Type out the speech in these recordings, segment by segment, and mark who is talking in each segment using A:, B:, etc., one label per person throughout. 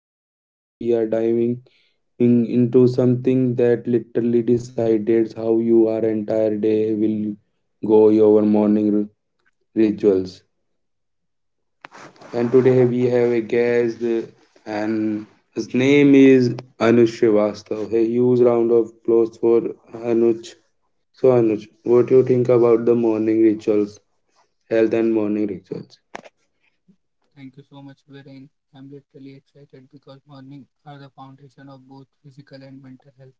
A: Viren, and today we are diving into something that literally decides how your entire day will go, your morning rituals. And today we have a guest, and his name is Anuj Srivastav. A huge round of applause for Anuj. So, Anuj, what do you think about the morning rituals, health and morning rituals?
B: Thank you so much, Viren. I'm literally excited because morning are the foundation of both physical and mental health.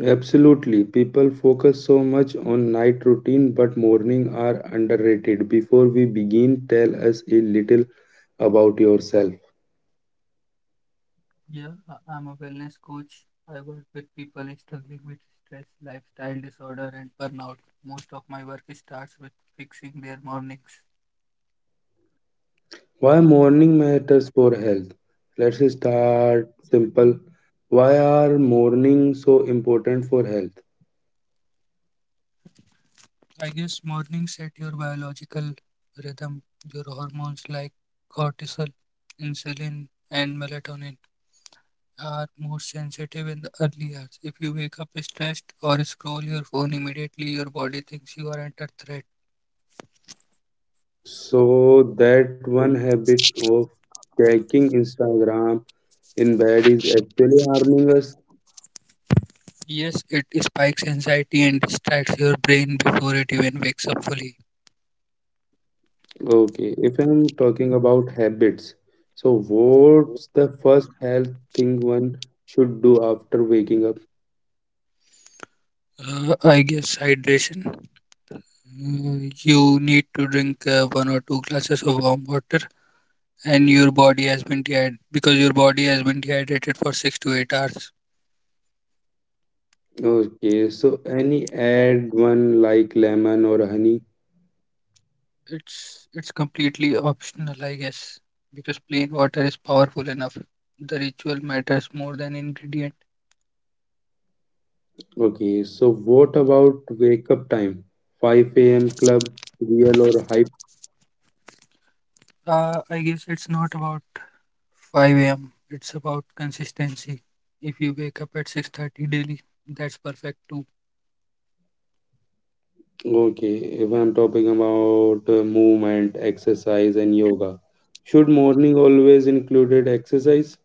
A: Absolutely. People focus so much on night routine, but morning are underrated. Before we begin, tell us a little about yourself.
B: Yeah, I'm a wellness coach. I work with people struggling with stress, lifestyle disorder, and burnout. Most of my work starts with fixing their mornings.
A: Why morning matters for health? Let's start simple. Why are morning so important for health?
B: I guess mornings set your biological rhythm, your hormones like cortisol, insulin, and melatonin are more sensitive in the early hours. If you wake up stressed or scroll your phone immediately, your body thinks you are under threat.
A: So that one habit of checking Instagram in bed is actually harming us.
B: Yes, it spikes anxiety and distracts your brain before it even wakes up fully.
A: Okay, if I'm talking about habits, so what's the first health thing one should do after waking up?
B: I guess hydration. You need to drink one or two glasses of warm water, and your body has been dehydrated because your body has been dehydrated for 6 to 8 hours.
A: Okay, so any add one like lemon or honey?
B: It's completely optional, I guess, because plain water is powerful enough. The ritual matters more than ingredient.
A: Okay, so what about wake up time? 5 a.m. club, real or hype?
B: I guess it's not about 5 a.m. It's about consistency. If you wake up at 6:30 daily, that's perfect too.
A: Okay, if I'm talking about movement, exercise, and yoga, should morning always included exercise?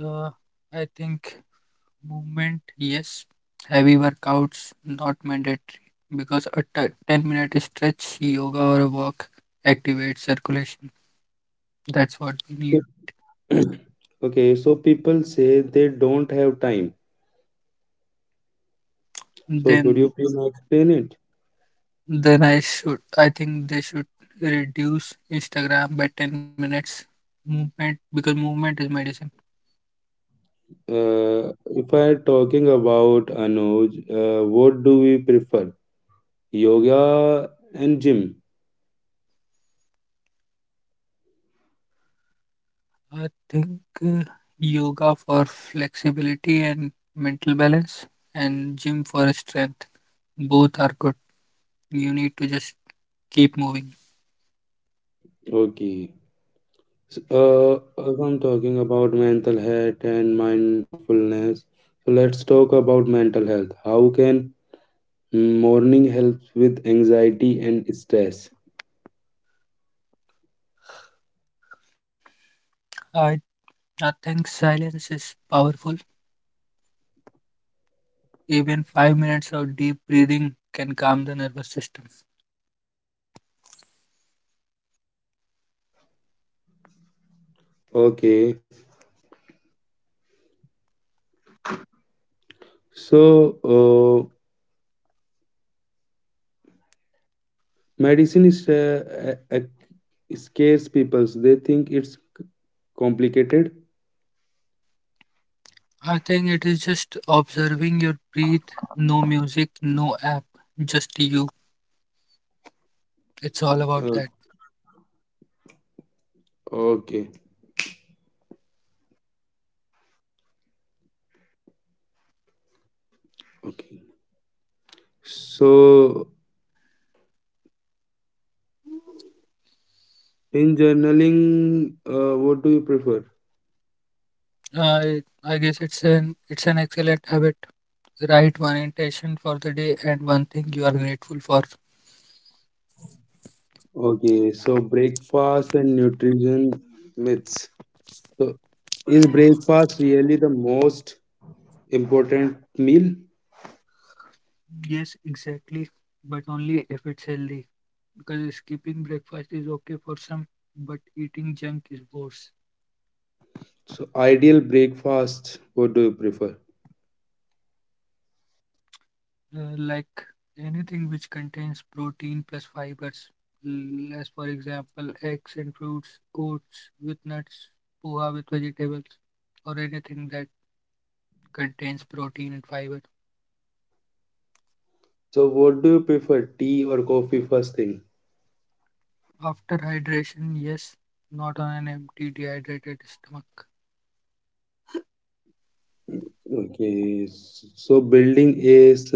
B: Uh, I think movement, yes. Heavy workouts, not mandatory, because a 10-minute stretch, yoga or a walk activates circulation. That's what we need.
A: Okay, so people say they don't have time. So could you
B: Then
A: please explain it?
B: Then I should, I think they should reduce Instagram by 10 minutes movement because movement is medicine.
A: Uh, if I talking about Anuj, what do we prefer? Yoga and gym.
B: I think uh, yoga for flexibility and mental balance, and gym for strength. Both are good. You need to just keep moving.
A: Okay. S- Uh, if I'm talking about mental health and mindfulness, so let's talk about mental health. How can morning help with anxiety and stress?
B: I, I think silence is powerful. Even 5 minutes of deep breathing can calm the nervous system.
A: Okay. So, uh, medicine is scares people. So they think it's complicated.
B: I think it is just observing your breath, no music, no app, just you. It's all about
A: Uh,
B: that.
A: Okay, okay. So in journaling, what do you prefer?
B: I guess it's an excellent habit. Write one intention for the day and one thing you are grateful for.
A: Okay, so breakfast and nutrition myths. So is breakfast really the most important meal?
B: Yes, exactly. But only if it's healthy. Because skipping breakfast is okay for some, but eating junk is worse.
A: So ideal breakfast, what do you prefer?
B: Like anything which contains protein plus fibers, as for example eggs and fruits, oats with nuts, poha with vegetables, or anything that contains protein and fiber.
A: So what do you prefer, tea or coffee first thing?
B: After hydration, yes, not on an empty, dehydrated stomach.
A: Okay, so building a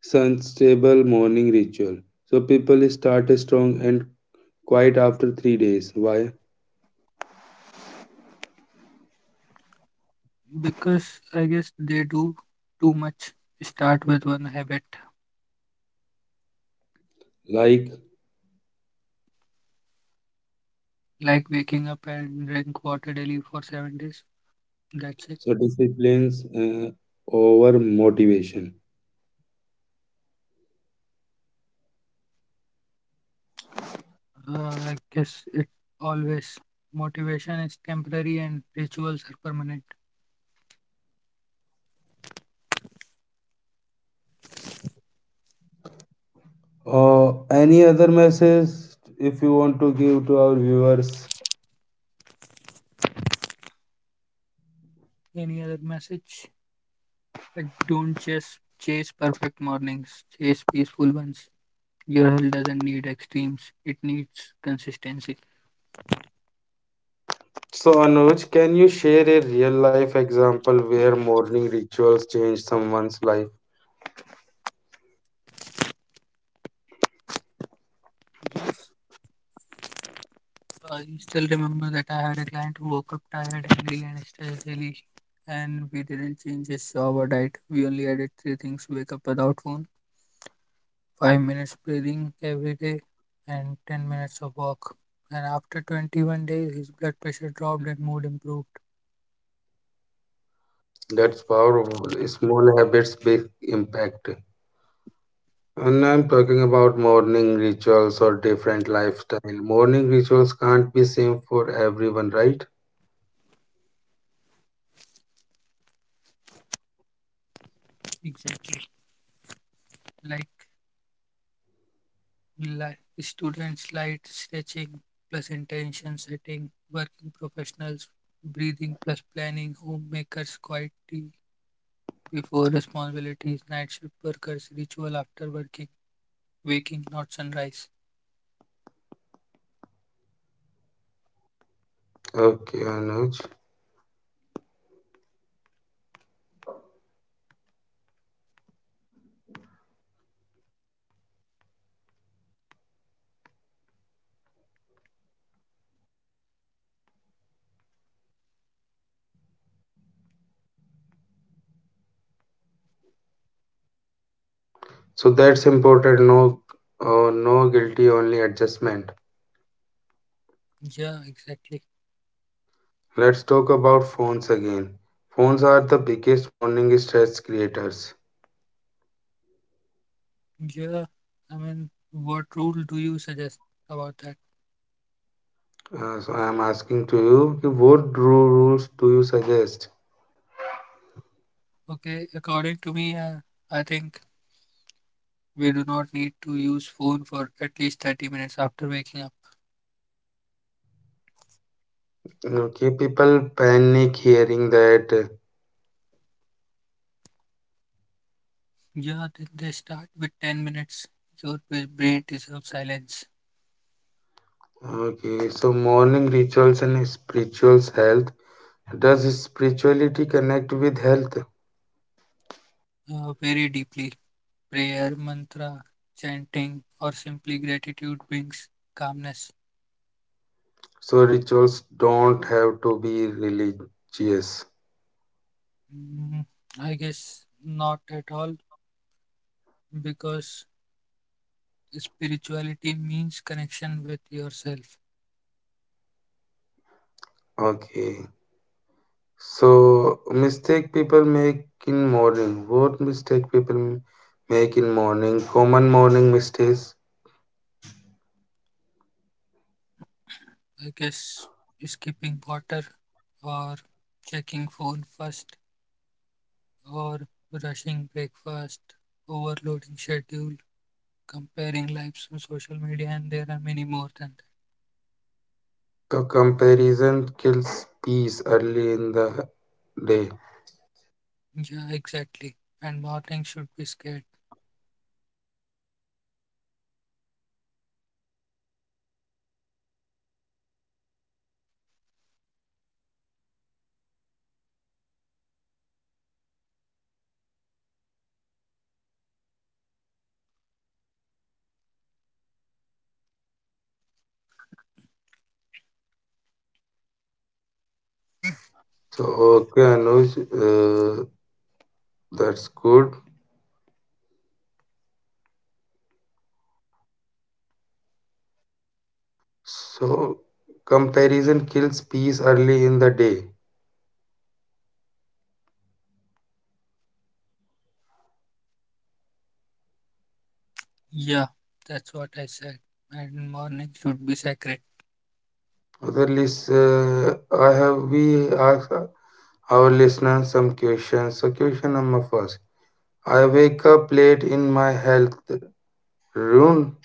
A: sustainable morning ritual. So people start strong and quiet after 3 days. Why?
B: Because I guess they do too much. Start with one habit,
A: Like
B: like waking up and drink water daily for 7 days. That's it.
A: so disciplines over motivation.
B: I guess it always. Motivation is temporary and rituals are permanent.
A: Or any other message if you want to give to our viewers?
B: Any other message? Like, don't chase perfect mornings. Chase peaceful ones. Your health doesn't need extremes. It needs consistency.
A: So Anuj, can you share a real life example where morning rituals change someone's life?
B: Yes. I still remember that I had a client who woke up tired, angry, and stressed daily, and we didn't change his shower diet. We only added three things: wake up without phone, 5 minutes breathing every day, and 10 minutes of walk. And after 21 days, his blood pressure dropped and mood improved.
A: That's powerful. Small habits, big impact. And I'm talking about morning rituals or different lifestyle. Morning rituals can't be same for everyone, right?
B: Exactly. Like, like students, light stretching plus intention setting, working professionals, breathing plus planning, homemakers, quiet tea before responsibilities, night shift workers, ritual after working, waking, not sunrise.
A: Okay, Anuj. So that's important. No, no guilty, only adjustment.
B: Yeah, exactly.
A: Let's talk about phones again. Phones are the biggest morning stress creators.
B: Yeah, I mean, what rule do you suggest about that?
A: So I'm asking to you, ki what rules do you suggest?
B: Okay, according to me, I think we do not need to use phone for at least 30 minutes after waking up.
A: Okay, people panic hearing that.
B: Yeah, then they start with 10 minutes. Your brain deserves silence
A: Okay, so morning rituals and spiritual health. Does spirituality connect with health?
B: very deeply. Prayer, mantra, chanting, or simply gratitude brings calmness.
A: So rituals don't have to be religious.
B: Mm, I guess not at all because spirituality means connection with yourself.
A: Okay. So mistake people make in morning. What mistake people make in morning? Common morning mistakes.
B: I guess skipping water or checking phone first or rushing breakfast, overloading schedule, comparing lives on social media, and there are many more than
A: So comparison kills peace early in the day.
B: that. Yeah, exactly. And morning should be scared.
A: So okay, Anuj, uh, that's good. So comparison kills peace early in the day.
B: Yeah, that's what I said. And morning should be sacred.
A: The list, I have we asked our listeners some questions. So question number first: I wake up late in my health ruin.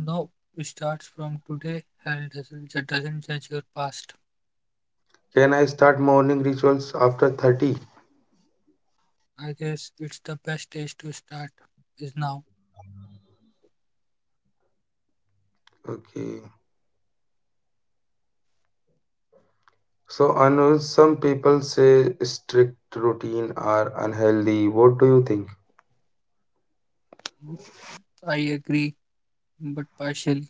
B: No, it starts from today. Hell doesn't, doesn't judge your past.
A: Can I start morning rituals after 30?
B: I guess it's the best age to start, is now.
A: Okay. So Anuj, some people say strict routine are unhealthy. What do you think?
B: Mm, I agree, but partially,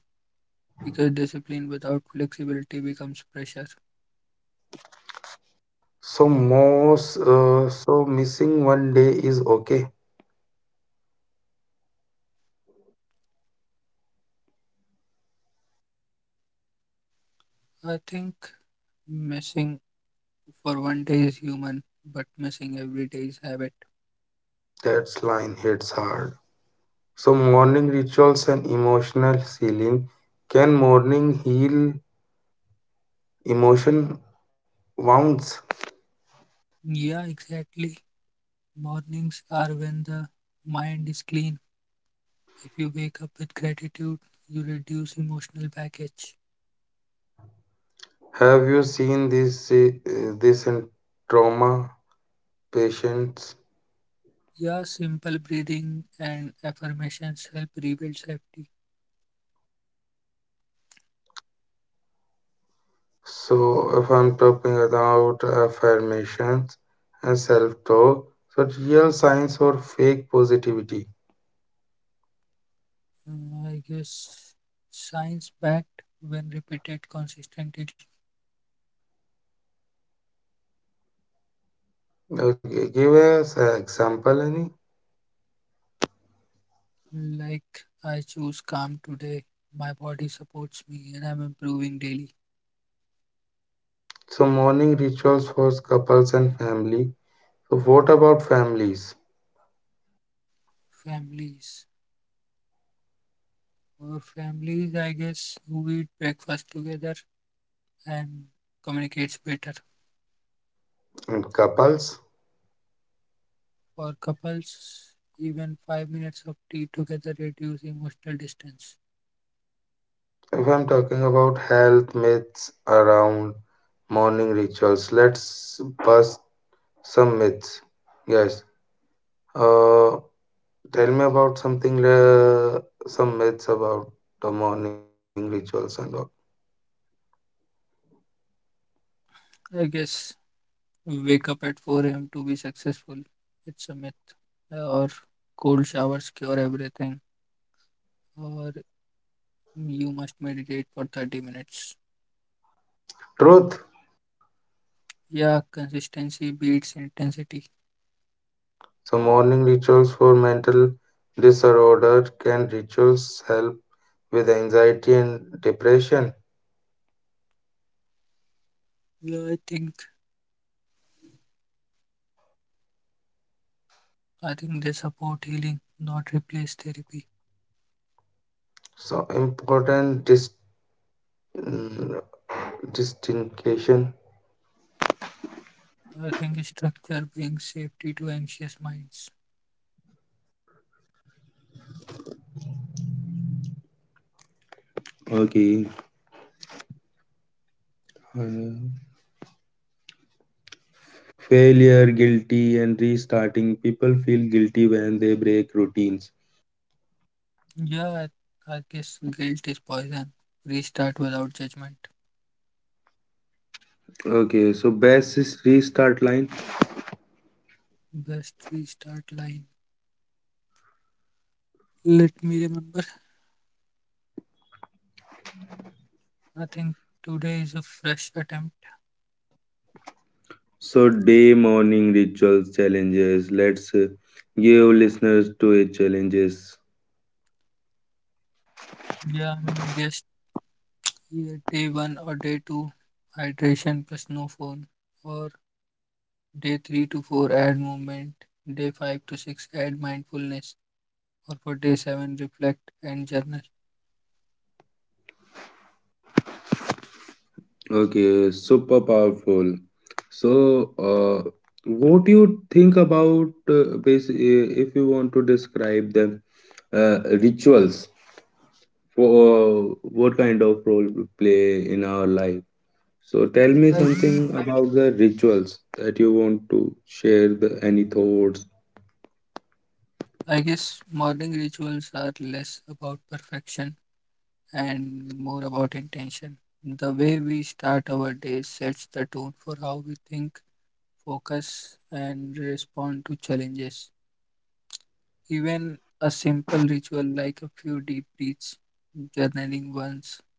B: because discipline without flexibility becomes pressure.
A: So most, so missing one day is okay.
B: I think missing for one day is human, but missing every day is habit.
A: That's line hits hard. So, morning rituals and emotional healing. Can morning heal emotion wounds?
B: Yeah, exactly. Mornings are when the mind is clean. If you wake up with gratitude, you reduce emotional baggage.
A: Have you seen this this in trauma patients?
B: Yeah, simple breathing and affirmations help rebuild safety.
A: So, if I'm talking about affirmations and self-talk, so real science or fake positivity.
B: I guess science backed when repeated consistently,
A: Okay, give us an example, any.
B: like I choose calm today, my body supports me, and I'm improving daily.
A: So, morning rituals for couples and family. So, what about families
B: Families or families, I guess, who eat breakfast together and communicates better.
A: and couples?
B: For couples, even 5 minutes of tea together reduce emotional distance.
A: If I'm talking about health myths around morning rituals, let's bust some myths. Yes. Uh, Tell me about something, some myths about the morning rituals and all.
B: I guess wake up at 4 a.m. to be successful. It's a myth. Or cold showers cure everything. Or you must meditate for 30 minutes.
A: Truth.
B: Yeah, consistency beats intensity.
A: So, morning rituals for mental disorder can rituals help with anxiety and depression?
B: Yeah, I think they support healing, not replace therapy.
A: So, important mm, distinction.
B: I think structure brings safety to anxious minds.
A: Okay. Mm. Failure, guilty, and restarting. People feel guilty when they break routines.
B: Yeah, I guess guilt is poison. Restart without judgment.
A: Okay, so best is restart line.
B: Best restart line. Let me remember. I think today is a fresh attempt.
A: So day morning rituals challenges. Let's give listeners to it challenges.
B: Yeah, I mean, guess yeah, day one or day two, hydration plus no phone, or day three to four, add movement, day five to six, add mindfulness, or for day seven, reflect and journal.
A: Okay, super powerful. So, uh, what do you think about if you want to describe them uh, rituals for what kind of role play in our life? So tell me
B: I,
A: something about the rituals that you want to share. The any thoughts?
B: I guess morning rituals are less about perfection and more about intention. The way we start our day sets the tone for how we think, focus, and respond to challenges. Even a simple ritual like a few deep breaths, journaling once,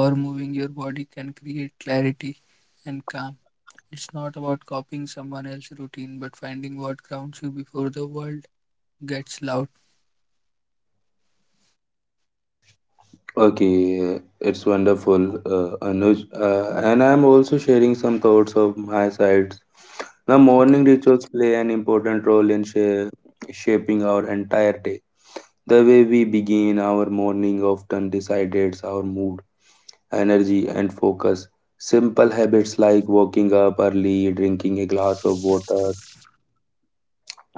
B: or moving your body can create clarity and calm. It's not about copying someone else's routine, but finding what grounds you before the world gets loud.
A: Okay, it's wonderful, Anuj. And I'm also sharing some thoughts of my sides. The morning
B: Okay.
A: rituals play an important role in shaping our entire day. The way we begin our morning often decides our mood, energy, and focus. Simple habits like waking up early, drinking a glass of water,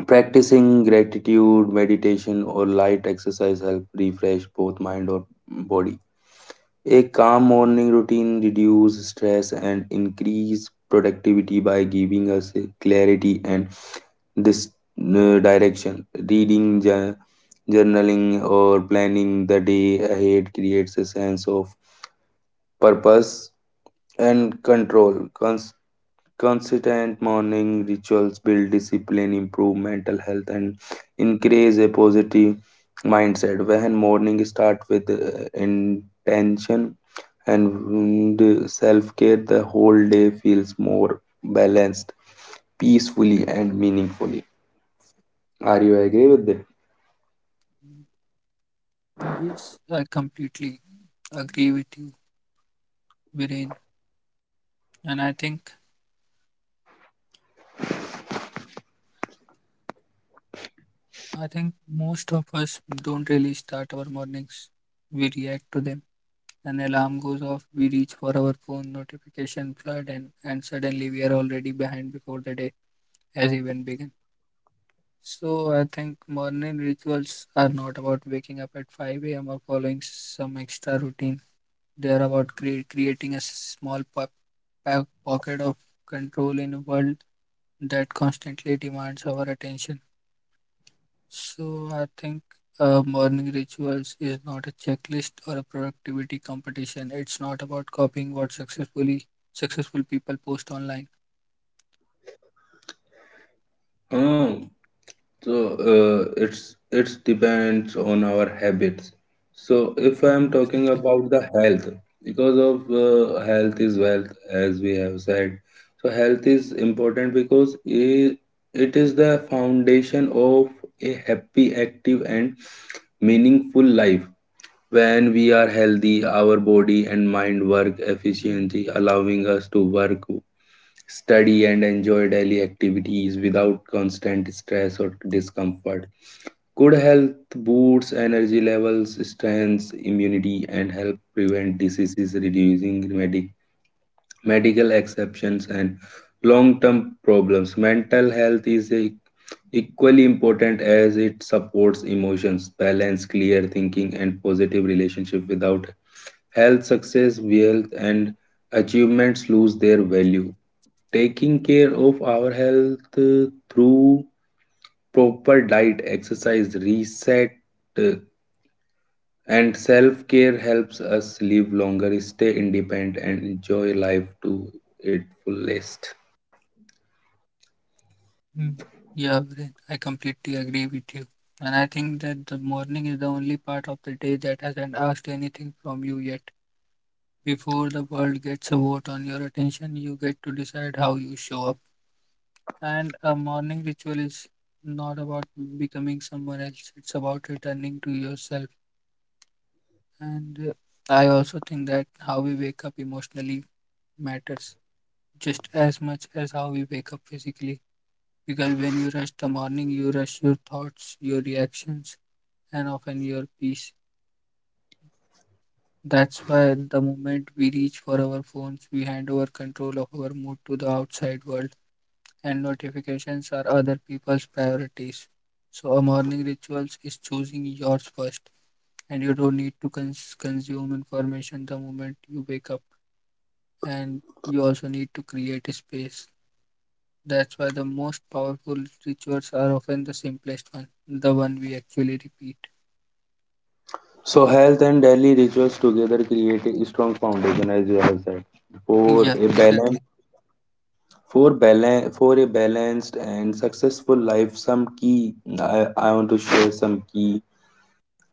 A: practicing gratitude, meditation, or light exercise help refresh both mind or body. A calm morning routine reduces stress and increase productivity by giving us a clarity and this direction. Reading, journaling, or planning the day ahead creates a sense of purpose and control. Consistent morning rituals build discipline, improve mental health, and increase a positive mindset. When morning start with intention and self care, the whole day feels more balanced, peacefully, and meaningfully. Are you agree with that?
B: Yes, I completely agree with you, Viren. And I think most of us don't really start our mornings. We react to them. An alarm goes off, we reach for our phone, notification flood, and suddenly we are already behind before the day has even begun. So I think morning rituals are not about waking up at 5 a.m. or following some extra routine. They are about creating a small pocket of control in a world that constantly demands our attention. So I think morning rituals is not a checklist or a productivity competition. It's not about copying what successful people post online.
A: Hmm. So it depends on our habits. So if I am
B: Yeah,
A: talking
B: exactly.
A: about the health, because of health is wealth, as we have said. So health is important because it is the foundation of a happy, active, and meaningful life. When we are healthy, our body and mind work efficiently, allowing us to work study and enjoy daily activities without constant stress or discomfort. Good health boosts energy levels, strengths, immunity, and help prevent diseases, reducing medical exceptions and long term problems. Mental health is equally important as it supports emotions, balance, clear thinking, and positive relationship. Without health, success, wealth, and achievements lose their value taking care of our health through proper diet, exercise, reset, uh, and self care helps us live longer, stay independent, and enjoy life to its fullest.
B: Mm. Yeah, Viren, I completely agree with you. And I think that the morning is the only part of the day that hasn't asked anything from you yet. Before the world gets a vote on your attention, you get to decide how you show up. And a morning ritual is not about becoming someone else, it's about returning to yourself. And I also think that how we wake up emotionally matters just as much as how we wake up physically. Because when you rush the morning, you rush your thoughts, your reactions, and often your peace. That's why the moment we reach for our phones, we hand over control of our mood to the outside world, and notifications are other people's priorities. So, a morning rituals is choosing yours first, and you don't need to consume information the moment you wake up and you also need to create a space. That's why the most powerful rituals are often the simplest one, the one we actually repeat.
A: So, health and daily rituals together create a strong foundation, as you have said, for
B: Yeah,
A: a balance.
B: exactly.
A: For, balance, for a balanced and successful life, some key I want to share some key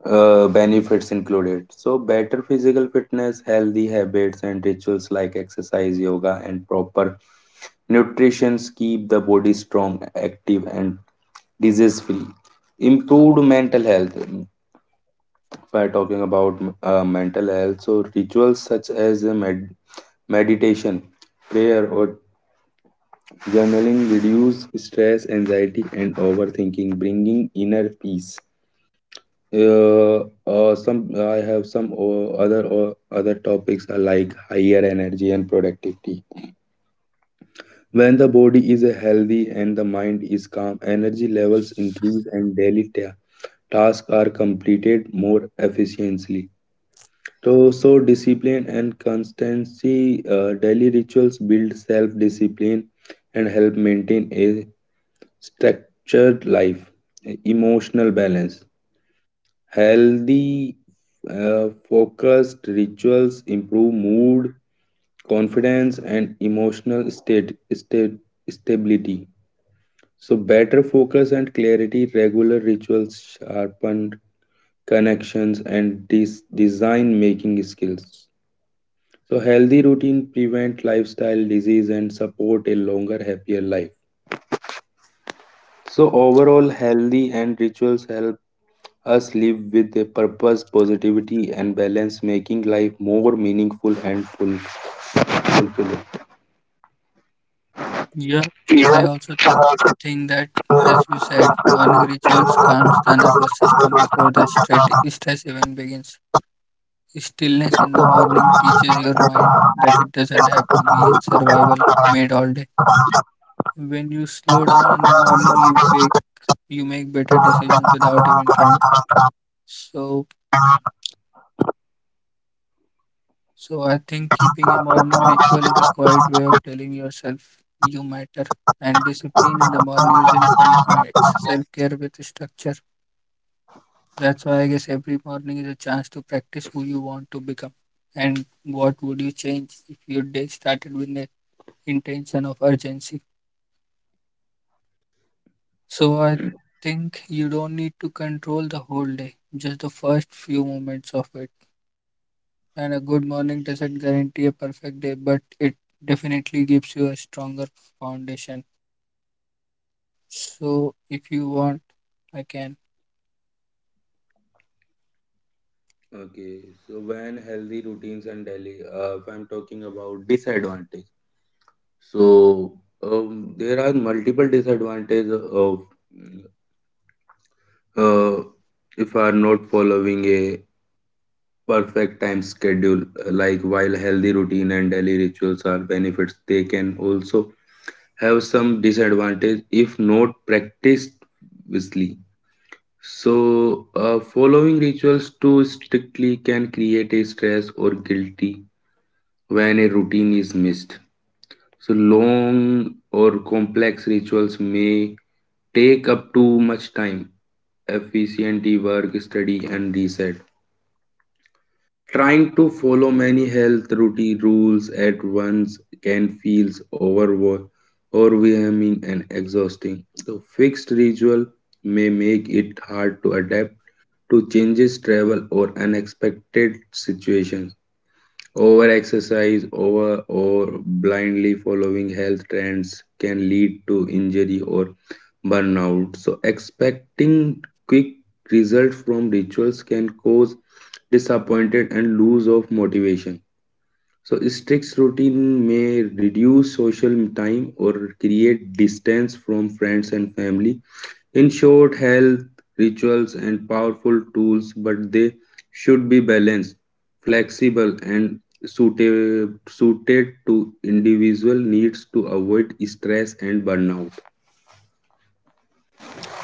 A: benefits included. So, better physical fitness, healthy habits, and rituals like exercise, yoga, and proper nutrition keep the body strong, active, and disease free. Improved mental health. If I talking about mental health, so rituals such as meditation, prayer, or journaling reduce stress, anxiety, and overthinking, bringing inner peace some I have some other topics are like higher energy and productivity. When the body is healthy and the mind is calm, energy levels increase and daily tasks are completed more efficiently. So, so discipline and constancy, daily rituals build self-discipline and help maintain a structured life, emotional balance. Healthy, focused rituals improve mood, confidence, and emotional state stability. So, better focus and clarity, regular rituals sharpen connections and design making skills. So, healthy routine prevent lifestyle disease and support a longer, happier life. So, overall, healthy and rituals help us live with a purpose, positivity, and balance, making life more meaningful and fulfilling.
B: Yeah, I also think that, as you said, morning rituals calms the nervous system before the stress even begins. Stillness in the morning teaches your mind that it doesn't have to be in survival made all day. When you slow down in the morning, you make better decisions without even trying. So So I think keeping a morning ritual is a quiet way of telling yourself you matter. And discipline in the morning isn't punishment, it's self-care with structure. That's why I guess every morning is a chance to practice who you want to become. And what would you change if your day started with the intention of urgency? So I think you don't need to control the whole day, just the first few moments of it. And a good morning doesn't guarantee a perfect day, but it definitely gives you a stronger foundation. So, if you want, I can.
A: Okay, so when healthy routines and daily, if I'm talking about disadvantage, so there are multiple disadvantages of uh, if are not following a perfect time schedule. Like while healthy routine and daily rituals are benefits, they can also have some disadvantage if not practiced wisely. So, following rituals too strictly can create a stress or guilty when a routine is missed. So, long or complex rituals may take up too much time, efficiently work, study, and reset. Trying to follow many health routine rules at once can feel overwhel- overwhelming and exhausting. So fixed ritual may make it hard to adapt to changes, travel, or unexpected situations. Over exercise over or blindly following health trends can lead to injury or burnout. So expecting quick results from rituals can cause disappointed and lose of motivation. So strict routine may reduce social time or create distance from friends and family in short, health rituals and powerful tools, but they should be balanced, flexible, and suited to individual needs to avoid stress and burnout.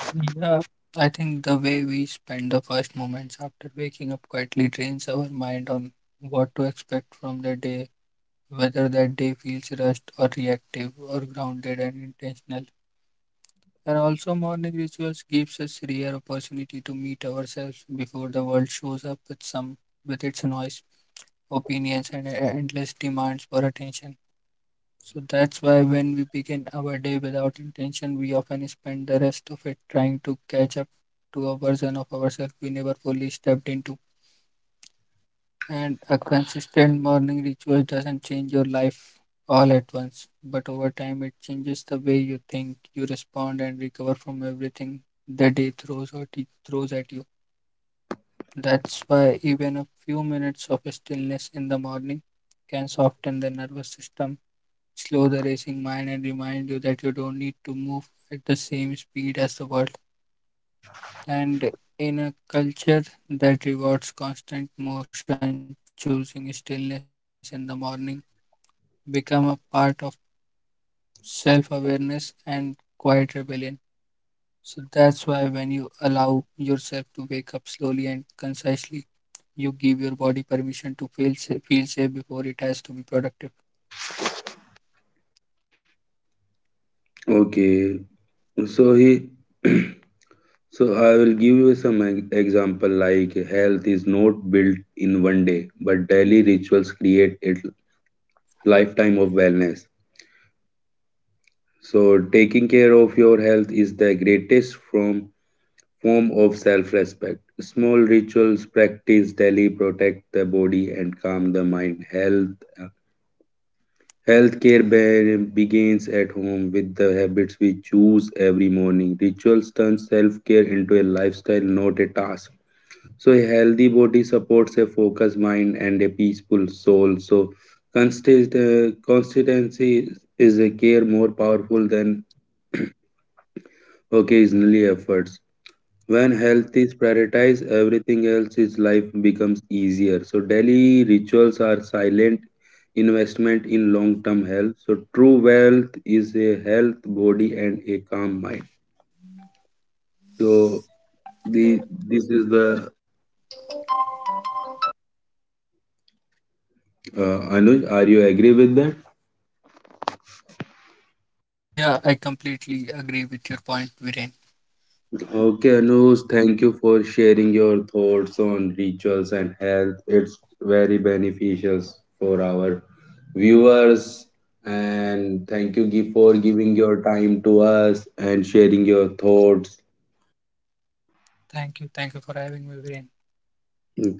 B: Yeah, I think the way we spend the first moments after waking up quietly trains our mind on what to expect from the day, whether that day feels rushed or reactive or grounded and intentional. And also, morning rituals gives us rare opportunity to meet ourselves before the world shows up with some with its noise, opinions, and endless demands for attention. So that's why when we begin our day without intention, we often spend the rest of it trying to catch up to a version of ourselves we never fully stepped into. And a consistent morning ritual doesn't change your life all at once, but over time it changes the way you think, you respond, and recover from everything the day throws or throws at you. That's why even a few minutes of stillness in the morning can soften the nervous system, slow the racing mind and remind you that you don't need to move at the same speed as the world. And in a culture that rewards constant motion, choosing stillness in the morning become a part of self-awareness and quiet rebellion. So that's why when you allow yourself to wake up slowly and concisely, you give your body permission to feel safe before it has to be productive.
A: Okay, so so I will give you some example like health is not built in one day, but daily rituals create a lifetime of wellness. So taking care of your health is the greatest from form of self respect. Small rituals practiced daily protect the body and calm the mind. Healthcare begins at home with the habits we choose every morning. Rituals turn self-care into a lifestyle, not a task. So a healthy body supports a focused mind and a peaceful soul. So consistency is a care more powerful than occasionally efforts. When health is prioritized, everything else is life becomes easier. So daily rituals are silent investment in long-term health. So true wealth is a health body and a calm mind. So the this is the Anuj. Are you agree with that?
B: Yeah, I completely agree with your point, Viren.
A: Okay, Anush. Thank you for sharing your thoughts on rituals and health. It's very beneficial for our viewers. And thank you for giving your time to us and sharing your thoughts.
B: Thank you. Thank you for having me, Viren.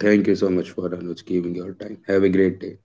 A: Thank you so much for Anuj giving your time. Have a great day.